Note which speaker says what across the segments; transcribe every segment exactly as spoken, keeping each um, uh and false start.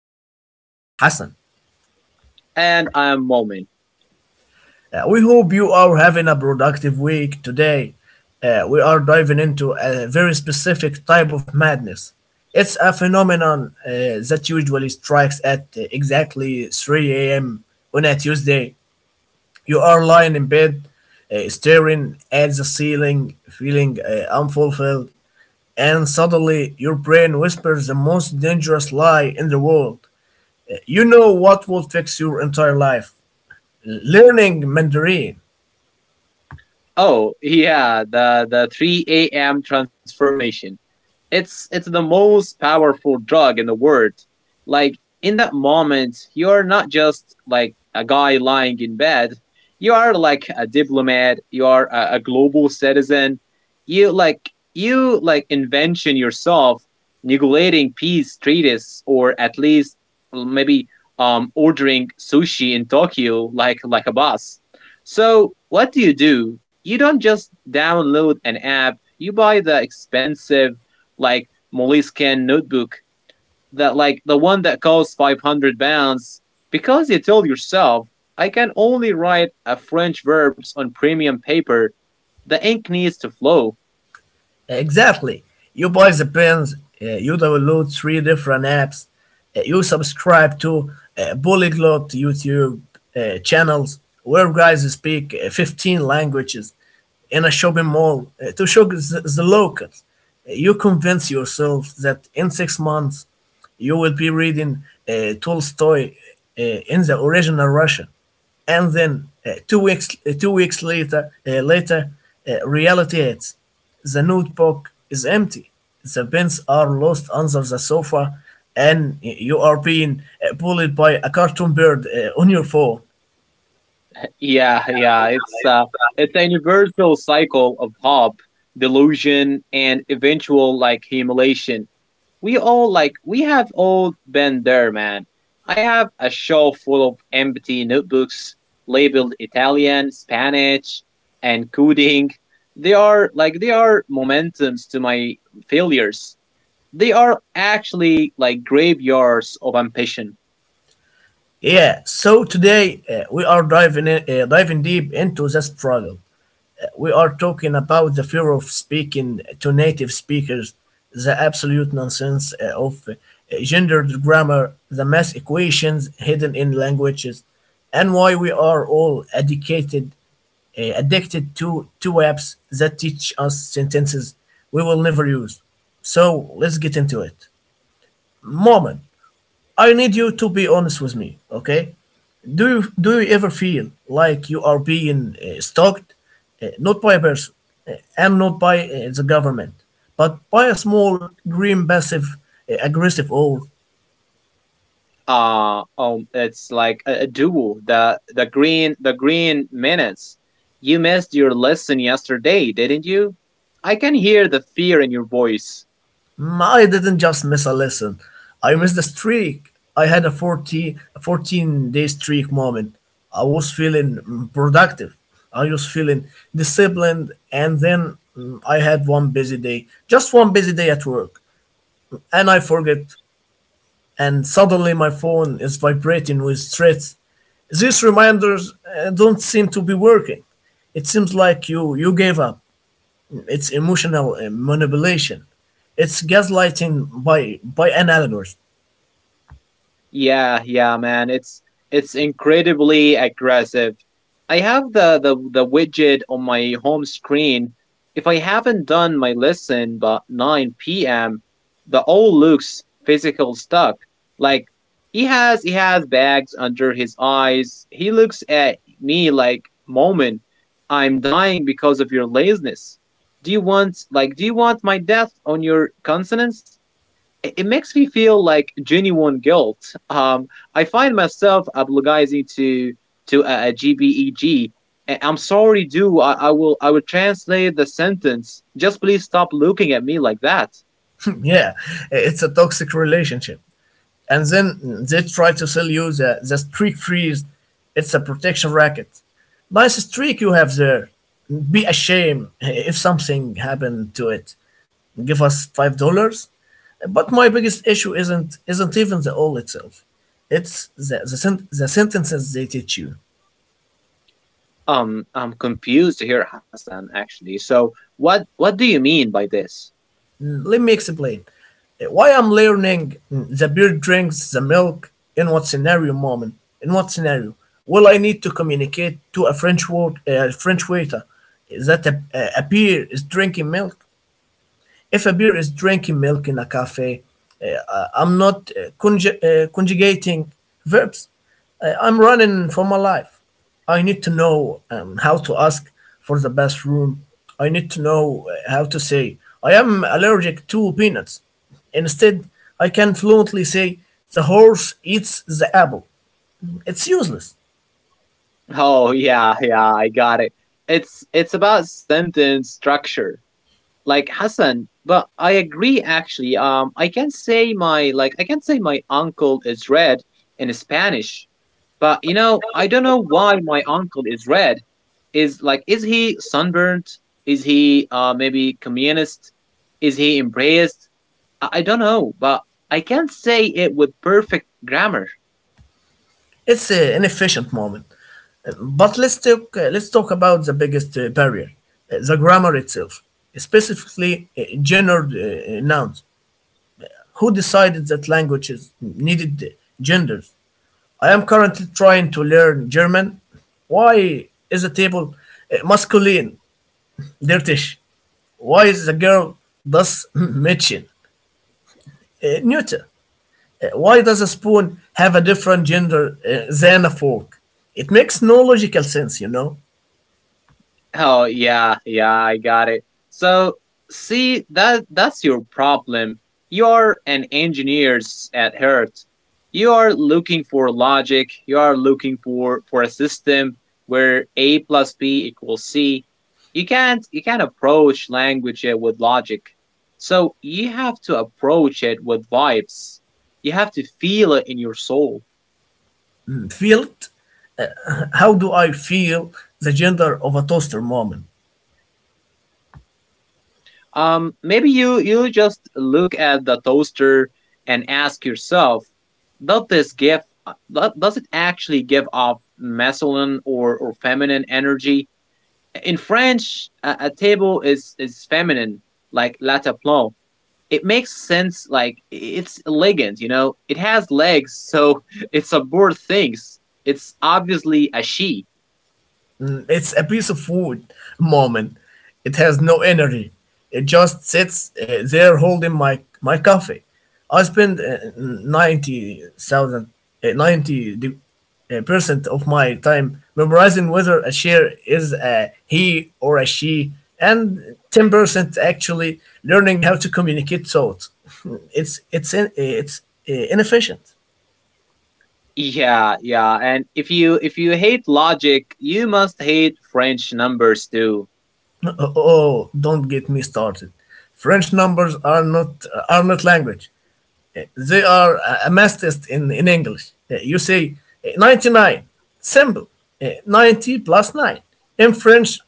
Speaker 1: I am your host, Hassan.
Speaker 2: And I'm Momin.
Speaker 1: Uh, we hope you are having a productive week today. Uh, we are diving into a very specific type of madness. It's a phenomenon uh, that usually strikes at uh, exactly three a m on a Tuesday. You are lying in bed, uh, staring at the ceiling, feeling uh, unfulfilled, and suddenly your brain whispers the most dangerous lie in the world. You know what will fix your entire life? Learning Mandarin.
Speaker 2: Oh, yeah, the, the three a m transformation. it's it's the most powerful drug in the world. Like in that moment, you're not just like a guy lying in bed. You are like a diplomat, you are a, a global citizen. You like you like invention yourself negotiating peace treaties, or at least, well, maybe um ordering sushi in Tokyo like like a boss. So what do you do? You don't just download an app, you buy the expensive, like Moleskine notebook, that like the one that costs five hundred pounds, because you told yourself, I can only write a French verbs on premium paper. The ink needs to flow.
Speaker 1: Exactly. You buy the pins, uh, you download three different apps, uh, you subscribe to uh, polyglot YouTube uh, channels where guys speak uh, fifteen languages in a shopping mall uh, to show the, the locals. Uh, You convince yourself that in six months you will be reading uh, Tolstoy uh, in the original Russian, and then uh, two weeks uh, two weeks later uh, later uh, reality hits. The notebook is empty. The pens are lost under the sofa, and you are being uh, bullied by a cartoon bird uh, on your phone.
Speaker 2: Yeah, yeah, it's uh, it's a universal cycle of hope, delusion, and eventual like humiliation. We all like we have all been there, man. I have a shelf full of empty notebooks labeled Italian, Spanish, and coding. They are like they are momentums to my failures. They are actually like graveyards of ambition.
Speaker 1: Yeah, so today uh, we are diving, in, uh, diving deep into the struggle. Uh, we are talking about the fear of speaking to native speakers, the absolute nonsense uh, of uh, gendered grammar, the math equations hidden in languages, and why we are all educated uh, addicted to two apps that teach us sentences we will never use. So let's get into it. Moment, I need you to be honest with me, okay? Do you do you ever feel like you are being uh, stalked, uh, not by a person uh, and not by uh, the government, but by a small green passive uh, aggressive owl?
Speaker 2: Uh um it's like a, a duel, the the green the green minutes. You missed your lesson yesterday, didn't you? I can hear the fear in your voice.
Speaker 1: Mm, I didn't just miss a lesson. I missed the streak. I had a forty, a fourteen day streak, Moment. I was feeling mm, productive. I was feeling disciplined. And then mm, I had one busy day, just one busy day at work. And I forget. And suddenly my phone is vibrating with threats. These reminders uh, don't seem to be working. It seems like you, you gave up. It's emotional uh, manipulation. It's gaslighting by by an algorithm.
Speaker 2: Yeah, yeah, man. It's it's incredibly aggressive. I have the, the the widget on my home screen. If I haven't done my lesson by nine p m, the old looks physical stuck. Like, he has he has bags under his eyes. He looks at me like, "Moment, I'm dying because of your laziness. Do you want like do you want my death on your consonants?" It makes me feel like genuine guilt. Um, I find myself apologizing to to a, G B E G. "I- am sorry, dude. I, I will I will translate the sentence. Just please stop looking at me like that.
Speaker 1: Yeah, it's a toxic relationship. And then they try to sell you the, the streak freeze. It's a protection racket. Nice streak you have there. Be ashamed if something happened to it. Give us five dollars. But my biggest issue isn't isn't even the all itself. It's the the, sent the sentences they teach you.
Speaker 2: Um, I'm confused here, Hassan, actually. So what what do you mean by this?
Speaker 1: Let me explain why I'm learning "the beer drinks the milk." In what scenario, Moment? In what scenario will I need to communicate to a French word, a French waiter that a, a beer is drinking milk? If a beer is drinking milk in a cafe, uh, uh, I'm not uh, conju- uh, conjugating verbs. Uh, I'm running for my life. I need to know um, how to ask for the best room. I need to know uh, how to say, I am allergic to peanuts. Instead, I can fluently say, the horse eats the apple. It's useless.
Speaker 2: Oh yeah, yeah, I got it. It's it's about sentence structure. Like Hassan, but I agree actually. Um, I can say my like I can say my uncle is red in Spanish. But you know, I don't know why my uncle is red. Is like is he sunburnt, is he uh maybe communist, is he embraced? I I don't know, but I can't say it with perfect grammar.
Speaker 1: It's uh, an efficient, Moment. But let's talk, uh, let's talk about the biggest uh, barrier, uh, the grammar itself, specifically uh, gendered uh, nouns. Who decided that languages needed uh, genders? I am currently trying to learn German. Why is the table uh, masculine, dirtish? Why is the girl das Mädchen, uh, neuter? Uh, why does a spoon have a different gender uh, than a fork? It makes no logical sense, you know.
Speaker 2: Oh yeah, yeah, I got it. So see, that that's your problem. You're an engineers at heart. You are looking for logic. You are looking for for a system where a plus b equals c. You can't you can't approach language uh, with logic. So you have to approach it with vibes. You have to feel it in your soul.
Speaker 1: Felt. How do I feel the gender of a toaster, Moment?
Speaker 2: Um, maybe you you just look at the toaster and ask yourself, does this give do- does it actually give off masculine, or, or feminine energy? In French, a, a table is is feminine, like la table. It makes sense, like it's elegant, you know. It has legs, so it subordinates things. It's obviously a she.
Speaker 1: Mm, it's a piece of wood, Moment. It has no energy. It just sits uh, there holding my my coffee. I spend uh, ninety thousand uh, ninety de- uh, percent of my time memorizing whether a chair is a he or a she, and ten percent actually learning how to communicate thoughts. it's it's in, it's uh, inefficient.
Speaker 2: Yeah, yeah. And if you if you hate logic, you must hate French numbers too.
Speaker 1: Oh, don't get me started. French numbers are not are not language. They are a a in, in English. Uh, You say uh, ninety-nine, simple. Uh, ninety plus nine. In French,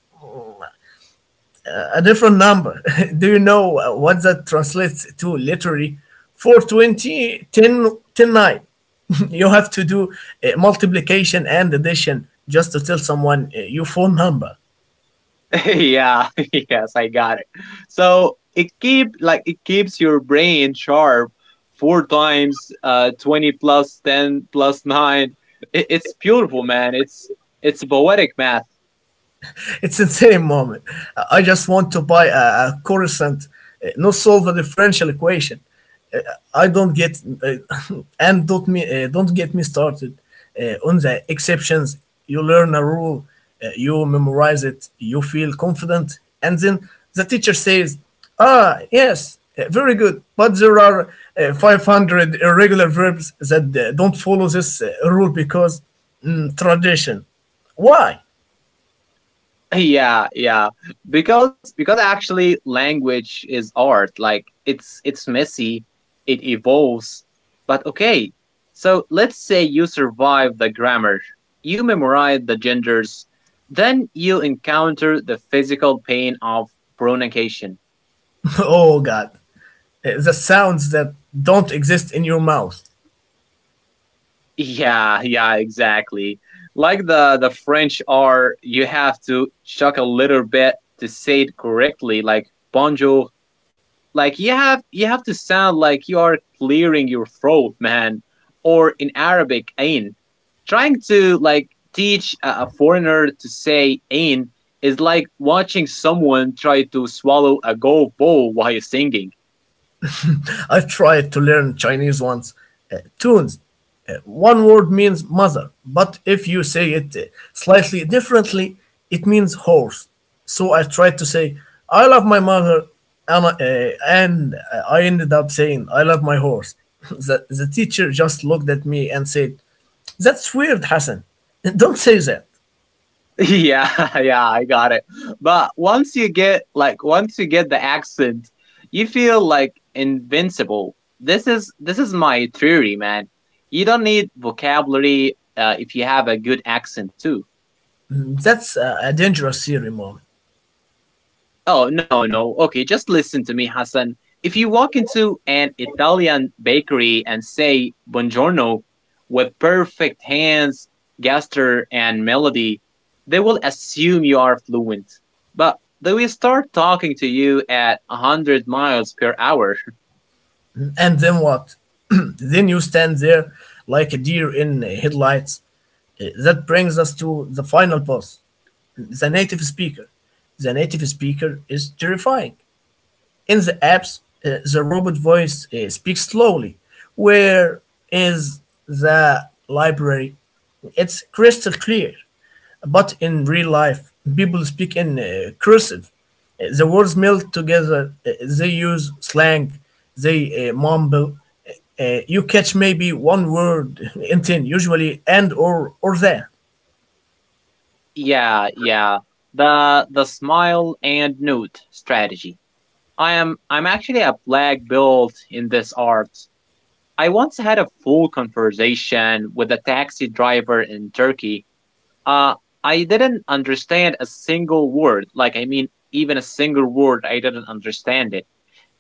Speaker 1: a different number. Do you know uh, what that translates to literally? Four twenty ten ten nine. You have to do uh, multiplication and addition just to tell someone uh, your phone number.
Speaker 2: Yeah, yes, I got it. So it keep like it keeps your brain sharp. Four times uh twenty plus ten plus nine. It, it's beautiful, man. It's it's poetic math.
Speaker 1: It's insane, Moment. I just want to buy a, a Coruscant, uh, not solve a differential equation. Uh, I don't get uh, and don't me uh, don't get me started uh, on the exceptions. You learn a rule, uh, you memorize it, you feel confident, and then the teacher says, "Ah, yes, uh, very good, but there are uh, five hundred irregular verbs that uh, don't follow this uh, rule because mm, tradition." Why?
Speaker 2: Yeah, yeah. Because because actually language is art. Like it's it's messy, it evolves. But okay. So let's say you survive the grammar. You memorize the genders. Then you encounter the physical pain of pronunciation.
Speaker 1: Oh God. Uh, the sounds that don't exist in your mouth.
Speaker 2: Yeah, yeah, exactly. Like the the French R, you have to chuck a little bit to say it correctly, like bonjour. Like you have you have to sound like you are clearing your throat, man. Or in Arabic, ain. Trying to like teach a foreigner to say ain is like watching someone try to swallow a golf ball while you're singing.
Speaker 1: I tried to learn Chinese once. Uh, tunes. Uh, one word means mother, but if you say it uh, slightly differently, it means horse. So I tried to say, I love my mother, and, I- uh, and uh, I ended up saying, I love my horse. the, the teacher just looked at me and said, "That's weird, Hassan. Don't say that."
Speaker 2: Yeah, yeah, I got it. But once you get like once you get the accent, you feel like invincible. This is this is my theory, man. You don't need vocabulary uh, if you have a good accent too.
Speaker 1: That's a, a dangerous theory, Mom.
Speaker 2: Oh, no, no. Okay, just listen to me, Hassan. If you walk into an Italian bakery and say buongiorno with perfect hands, gesture, and melody, they will assume you are fluent. But they will start talking to you at one hundred miles per hour.
Speaker 1: And then what? Then you stand there like a deer in headlights. Uh, That brings us to the final boss, the native speaker. The native speaker is terrifying. In the apps, uh, the robot voice uh, speaks slowly. Where is the library? It's crystal clear. But in real life, people speak in uh, cursive. Uh, The words melt together. Uh, They use slang. They uh, mumble. Uh, uh, you catch maybe one word in ten, usually and or or there.
Speaker 2: Yeah, yeah. The the smile and note strategy. I am I'm actually a black belt in this art. I once had a full conversation with a taxi driver in Turkey. Uh, I didn't understand a single word. Like, I mean, even a single word, I didn't understand it.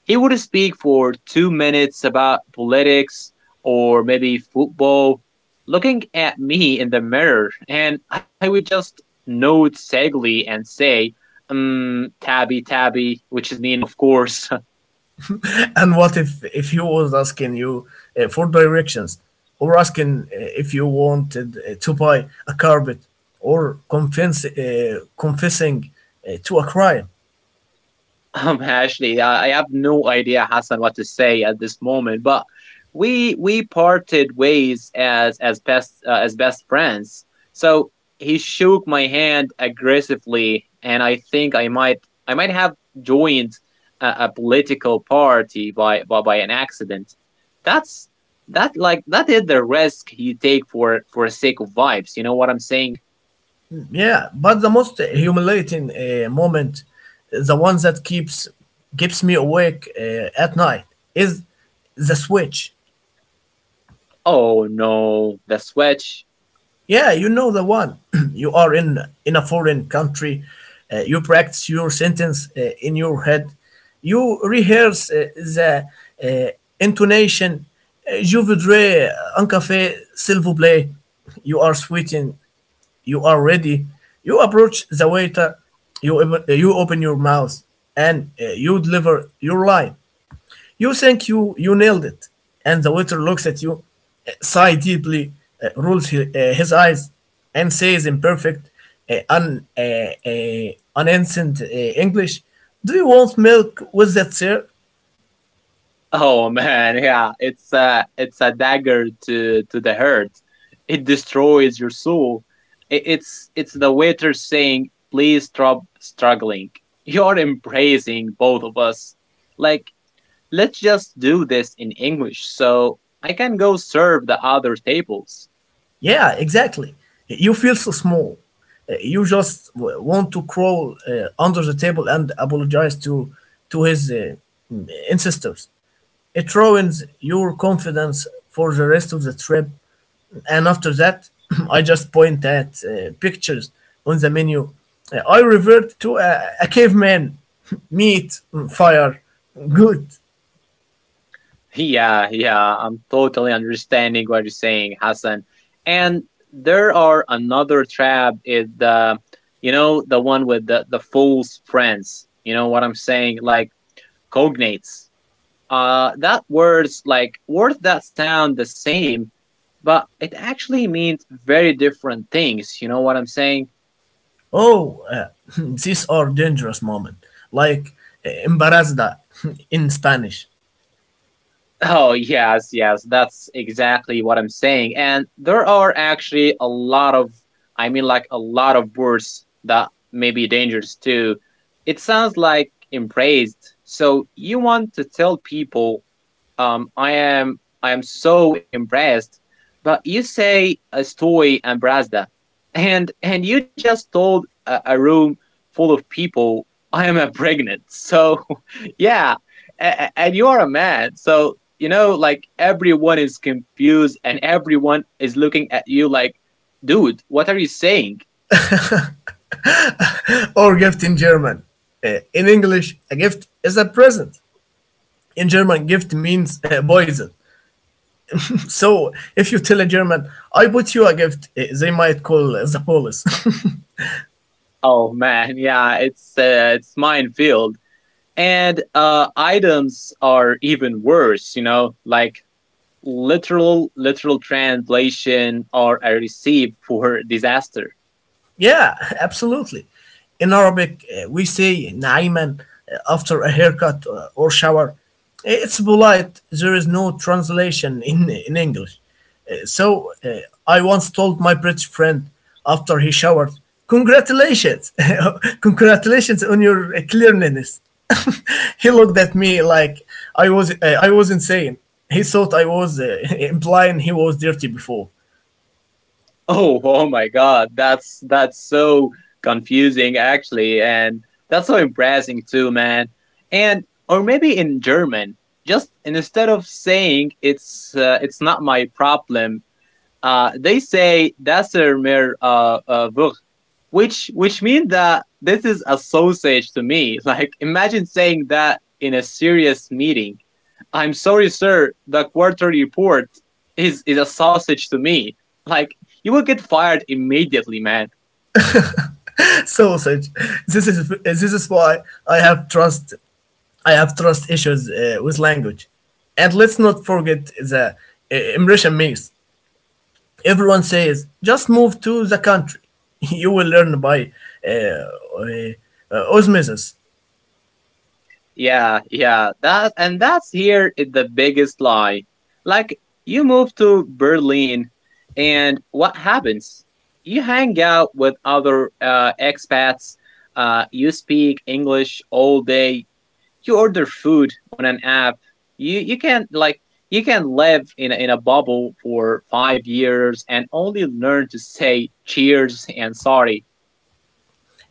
Speaker 2: He would speak for two minutes about politics or maybe football, looking at me in the mirror, and I would just nod sagely and say, um, tabby, tabby, which is mean, of course.
Speaker 1: And what if if he was asking you uh, for directions, or asking uh, if you wanted uh, to buy a carpet, or confess, uh, confessing uh, to a crime?
Speaker 2: Um, Ashley, I I have no idea, Hassan, what to say at this moment, but we we parted ways as as best uh, as best friends. So he shook my hand aggressively, and I think I might I might have joined a, a political party by, by by an accident. That's that like that is the risk you take for for the sake of vibes. You know what I'm saying?
Speaker 1: Yeah, but the most humiliating uh, moment, the one that keeps keeps me awake uh, at night, is the switch.
Speaker 2: Oh no, the switch.
Speaker 1: Yeah, you know the one. You are in in a foreign country. Uh, you practice your sentence uh, in your head. You rehearse uh, the uh, intonation. Uh, Je voudrais un café, s'il vous plaît. You are sweating. You are ready, you approach the waiter, you, op- you open your mouth, and uh, you deliver your line. You think you, you nailed it, and the waiter looks at you, uh, sigh deeply, uh, rolls his, uh, his eyes, and says in perfect, uh, un, uh, uh, unanswered uh, English, "Do you want milk with that, sir?"
Speaker 2: Oh man, yeah, it's a it's a dagger to to the heart. It destroys your soul. I- It's it's the waiter saying, "Please stop struggling. You're embracing both of us. Like, let's just do this in English, so I can go serve the other tables."
Speaker 1: Yeah, exactly. You feel so small. Uh, You just w- want to crawl uh, under the table and apologize to to his uh, ancestors. It ruins your confidence for the rest of the trip. And after that, I just point at uh, pictures on the menu. Uh, I revert to a, a caveman. Meat, fire, good.
Speaker 2: Yeah, yeah, I'm totally understanding what you're saying, Hassan. And there are another trap is the, you know, the one with the the fool's friends. You know what I'm saying? Like cognates. Uh, that words like words that sound the same, but it actually means very different things. You know what I'm saying?
Speaker 1: Oh, uh, these are dangerous moments, like uh, embarazada in Spanish.
Speaker 2: Oh, yes, yes, that's exactly what I'm saying. And there are actually a lot of, I mean, like a lot of words that may be dangerous too. It sounds like embraced. So you want to tell people, um, I am, I am so impressed, but you say estoy embrasada, and and you just told a, a room full of people, I am a pregnant. So yeah, a- a- and you are a man, so you know, like everyone is confused and everyone is looking at you like, dude, what are you saying?
Speaker 1: Or gift in German. Uh, in English, a gift is a present. In German, gift means uh, poison. So if you tell a German, I bought you a gift, uh, they might call uh, the police.
Speaker 2: Oh man, yeah, it's uh, it's minefield. And uh, items are even worse, you know, like literal, literal translation or a receipt for disaster.
Speaker 1: Yeah, absolutely. In Arabic, uh, we say naiman uh, after a haircut uh, or shower. Eh, It's polite. There is no translation in in English. Uh, So uh, I once told my British friend after he showered, "Congratulations, congratulations on your uh, cleanliness." He looked at me like I was uh, I was insane. He thought I was uh, implying he was dirty before.
Speaker 2: Oh, oh my God, that's that's so confusing actually, and that's so embarrassing too, man. And or maybe in German, just instead of saying it's uh, it's not my problem, uh, they say das ist mir uh, uh, wurscht, which which means that this is a sausage to me. Like imagine saying that in a serious meeting. I'm sorry, sir, the quarterly report is, is a sausage to me. Like, you will get fired immediately, man.
Speaker 1: Sausage. This is this is why I have trust I have trust issues uh, with language. And let's not forget the uh, immersion mix. Everyone says just move to the country. You will learn by uh, uh, uh, osmosis.
Speaker 2: Yeah, yeah, that and that's here is the biggest lie. Like, you move to Berlin, and what happens? You hang out with other uh, expats, uh, you speak English all day, you order food on an app. you you can't like You can live in a, in a bubble for five years and only learn to say cheers and sorry.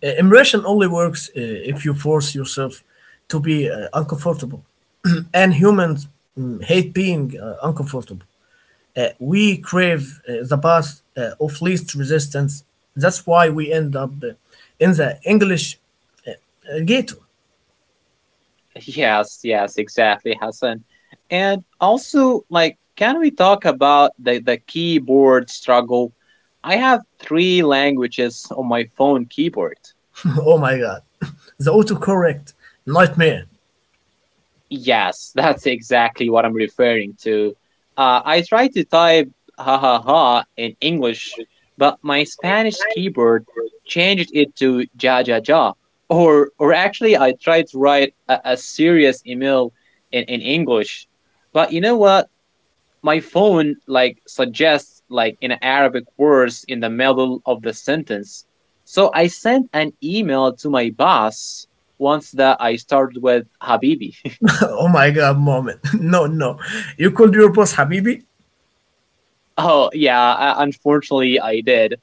Speaker 1: Uh, immersion only works uh, if you force yourself to be uh, uncomfortable. And humans mm, hate being uh, uncomfortable. Uh, we crave uh, the path uh, of least resistance. That's why we end up uh, in the English uh, uh, ghetto.
Speaker 2: Yes, yes, exactly, Hassan. And also, like, can we talk about the, the keyboard struggle? I have three languages on my phone keyboard.
Speaker 1: Oh my God. The autocorrect nightmare.
Speaker 2: Yes, that's exactly what I'm referring to. Uh, I tried to type ha ha ha in English, but my Spanish keyboard changed it to ja ja ja. Or, or actually, I tried to write a, a serious email in, in English, but you know what? My phone like suggests like in Arabic words in the middle of the sentence. So I sent an email to my boss once that I started with Habibi.
Speaker 1: Oh my God, Moment. No, no. You called your boss Habibi.
Speaker 2: Oh yeah, uh, unfortunately I did.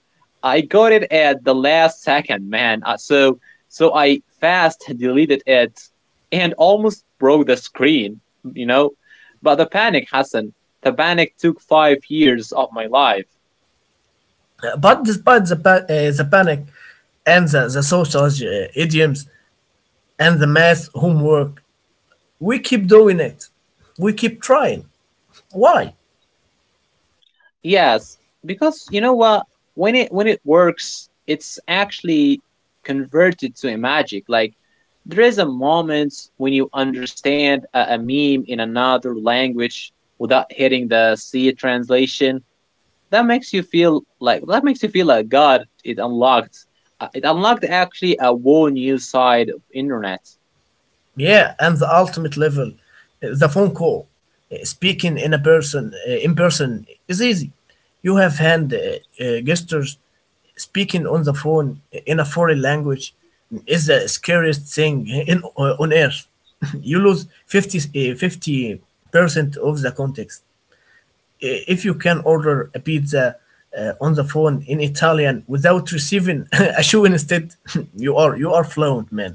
Speaker 2: I got it at the last second, man. Uh, so so I fast deleted it and almost broke the screen, you know. But the panic, Hassan, the panic took five years of my life.
Speaker 1: Uh, But despite the, pa- uh, the panic and the, the social uh, idioms and the math homework, we keep doing it. We keep trying. Why?
Speaker 2: Yes, because you know what? When it when it works, it's actually converted to a magic. Like there is a moment when you understand a, a meme in another language without hitting the C translation. That makes you feel like that makes you feel like God. It unlocked. uh, It unlocked actually a whole new side of internet.
Speaker 1: Yeah, and the ultimate level, uh, the phone call, uh, speaking in a person, uh, in person is easy. You have hand uh, uh, gestures. Speaking on the phone eh, in a foreign language is the scariest thing in uh, on earth. You lose fifty eh, fifty percent of the context. I- If you can order a pizza uh, on the phone in Italian without receiving a shoe instead, you are you are fluent, man.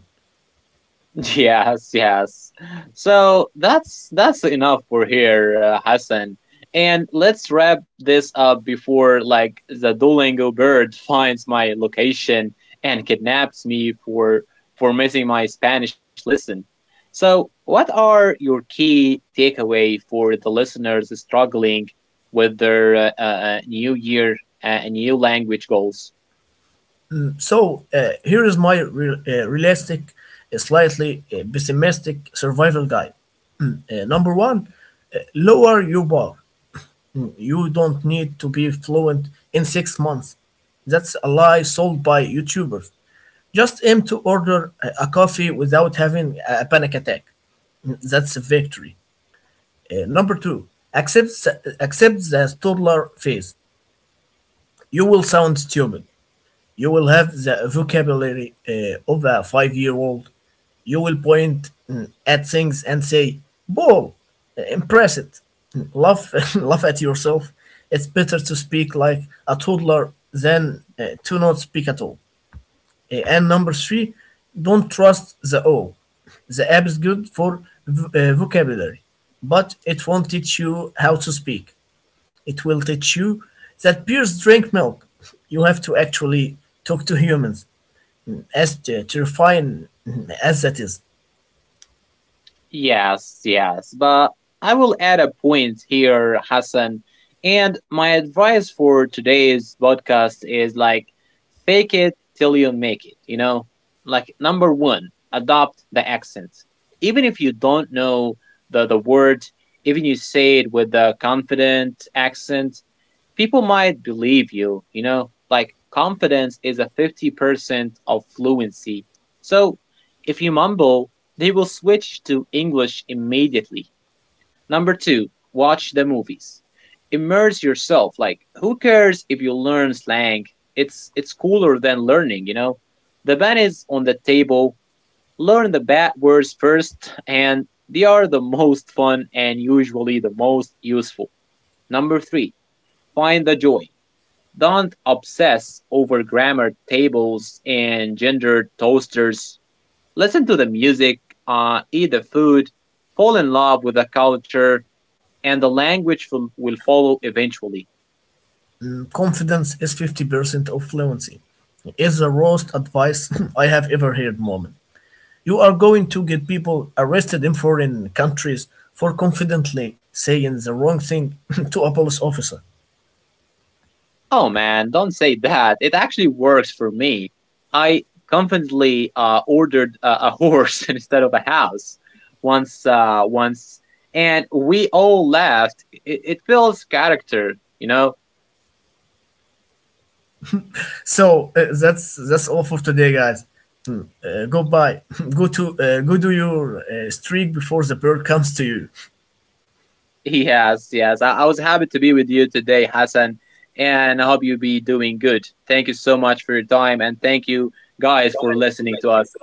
Speaker 2: Yes, yes. So that's that's enough for here, uh, Hassan. And let's wrap this up before like the Duolingo bird finds my location and kidnaps me for for missing my Spanish lesson. So, what are your key takeaway for the listeners struggling with their uh, uh, uh, new year uh, and new language goals?
Speaker 1: So uh, here is my re- uh, realistic, uh, slightly uh, pessimistic survival guide. Mm, uh, number one, uh, lower your bar. Mm, You don't need to be fluent in six months. That's a lie sold by YouTubers. Just aim to order a a coffee without having a a panic attack. Mm, That's a victory. Uh, number two, accept accept the toddler phase. You will sound stupid. You will have the vocabulary uh, of a five year old. You will point mm, at things and say, Ball, impress it. Laugh, laugh at yourself. It's better to speak like a toddler than uh, to not speak at all. Uh, and number three, don't trust the O. The app is good for v- uh, vocabulary, but it won't teach you how to speak. It will teach you that bears drink milk. You have to actually talk to humans, as t- terrifying as that is.
Speaker 2: Yes, yes, but I will add a point here, Hassan. And my advice for today's podcast is like fake it till you make it, you know? Like number one, adopt the accent. Even if you don't know the the word, even you say it with a confident accent, people might believe you, you know, like confidence is a fifty percent of fluency. So if you mumble, they will switch to English immediately. Number two, watch the movies. Immerse yourself. Like, who cares if you learn slang? It's it's cooler than learning, you know? The ban is on the table. Learn the bad words first, and they are the most fun and usually the most useful. Number three, find the joy. Don't obsess over grammar tables and gendered toasters. Listen to the music, uh, eat the food, fall in love with the culture, and the language will, will follow eventually.
Speaker 1: Confidence is fifty percent of fluency. It's the worst advice I have ever heard, Moment. You are going to get people arrested in foreign countries for confidently saying the wrong thing to a police officer.
Speaker 2: Oh man, don't say that. It actually works for me. I confidently uh, ordered a, a horse instead of a house once, uh, once, and we all laughed. It, it builds character, you know.
Speaker 1: So uh, that's that's all for today, guys. Mm, Uh, goodbye. go to uh, go do your uh, streak before the bird comes to you.
Speaker 2: Yes, yes. I, I was happy to be with you today, Hassan, and I hope you be doing good. Thank you so much for your time, and thank you guys for listening to us.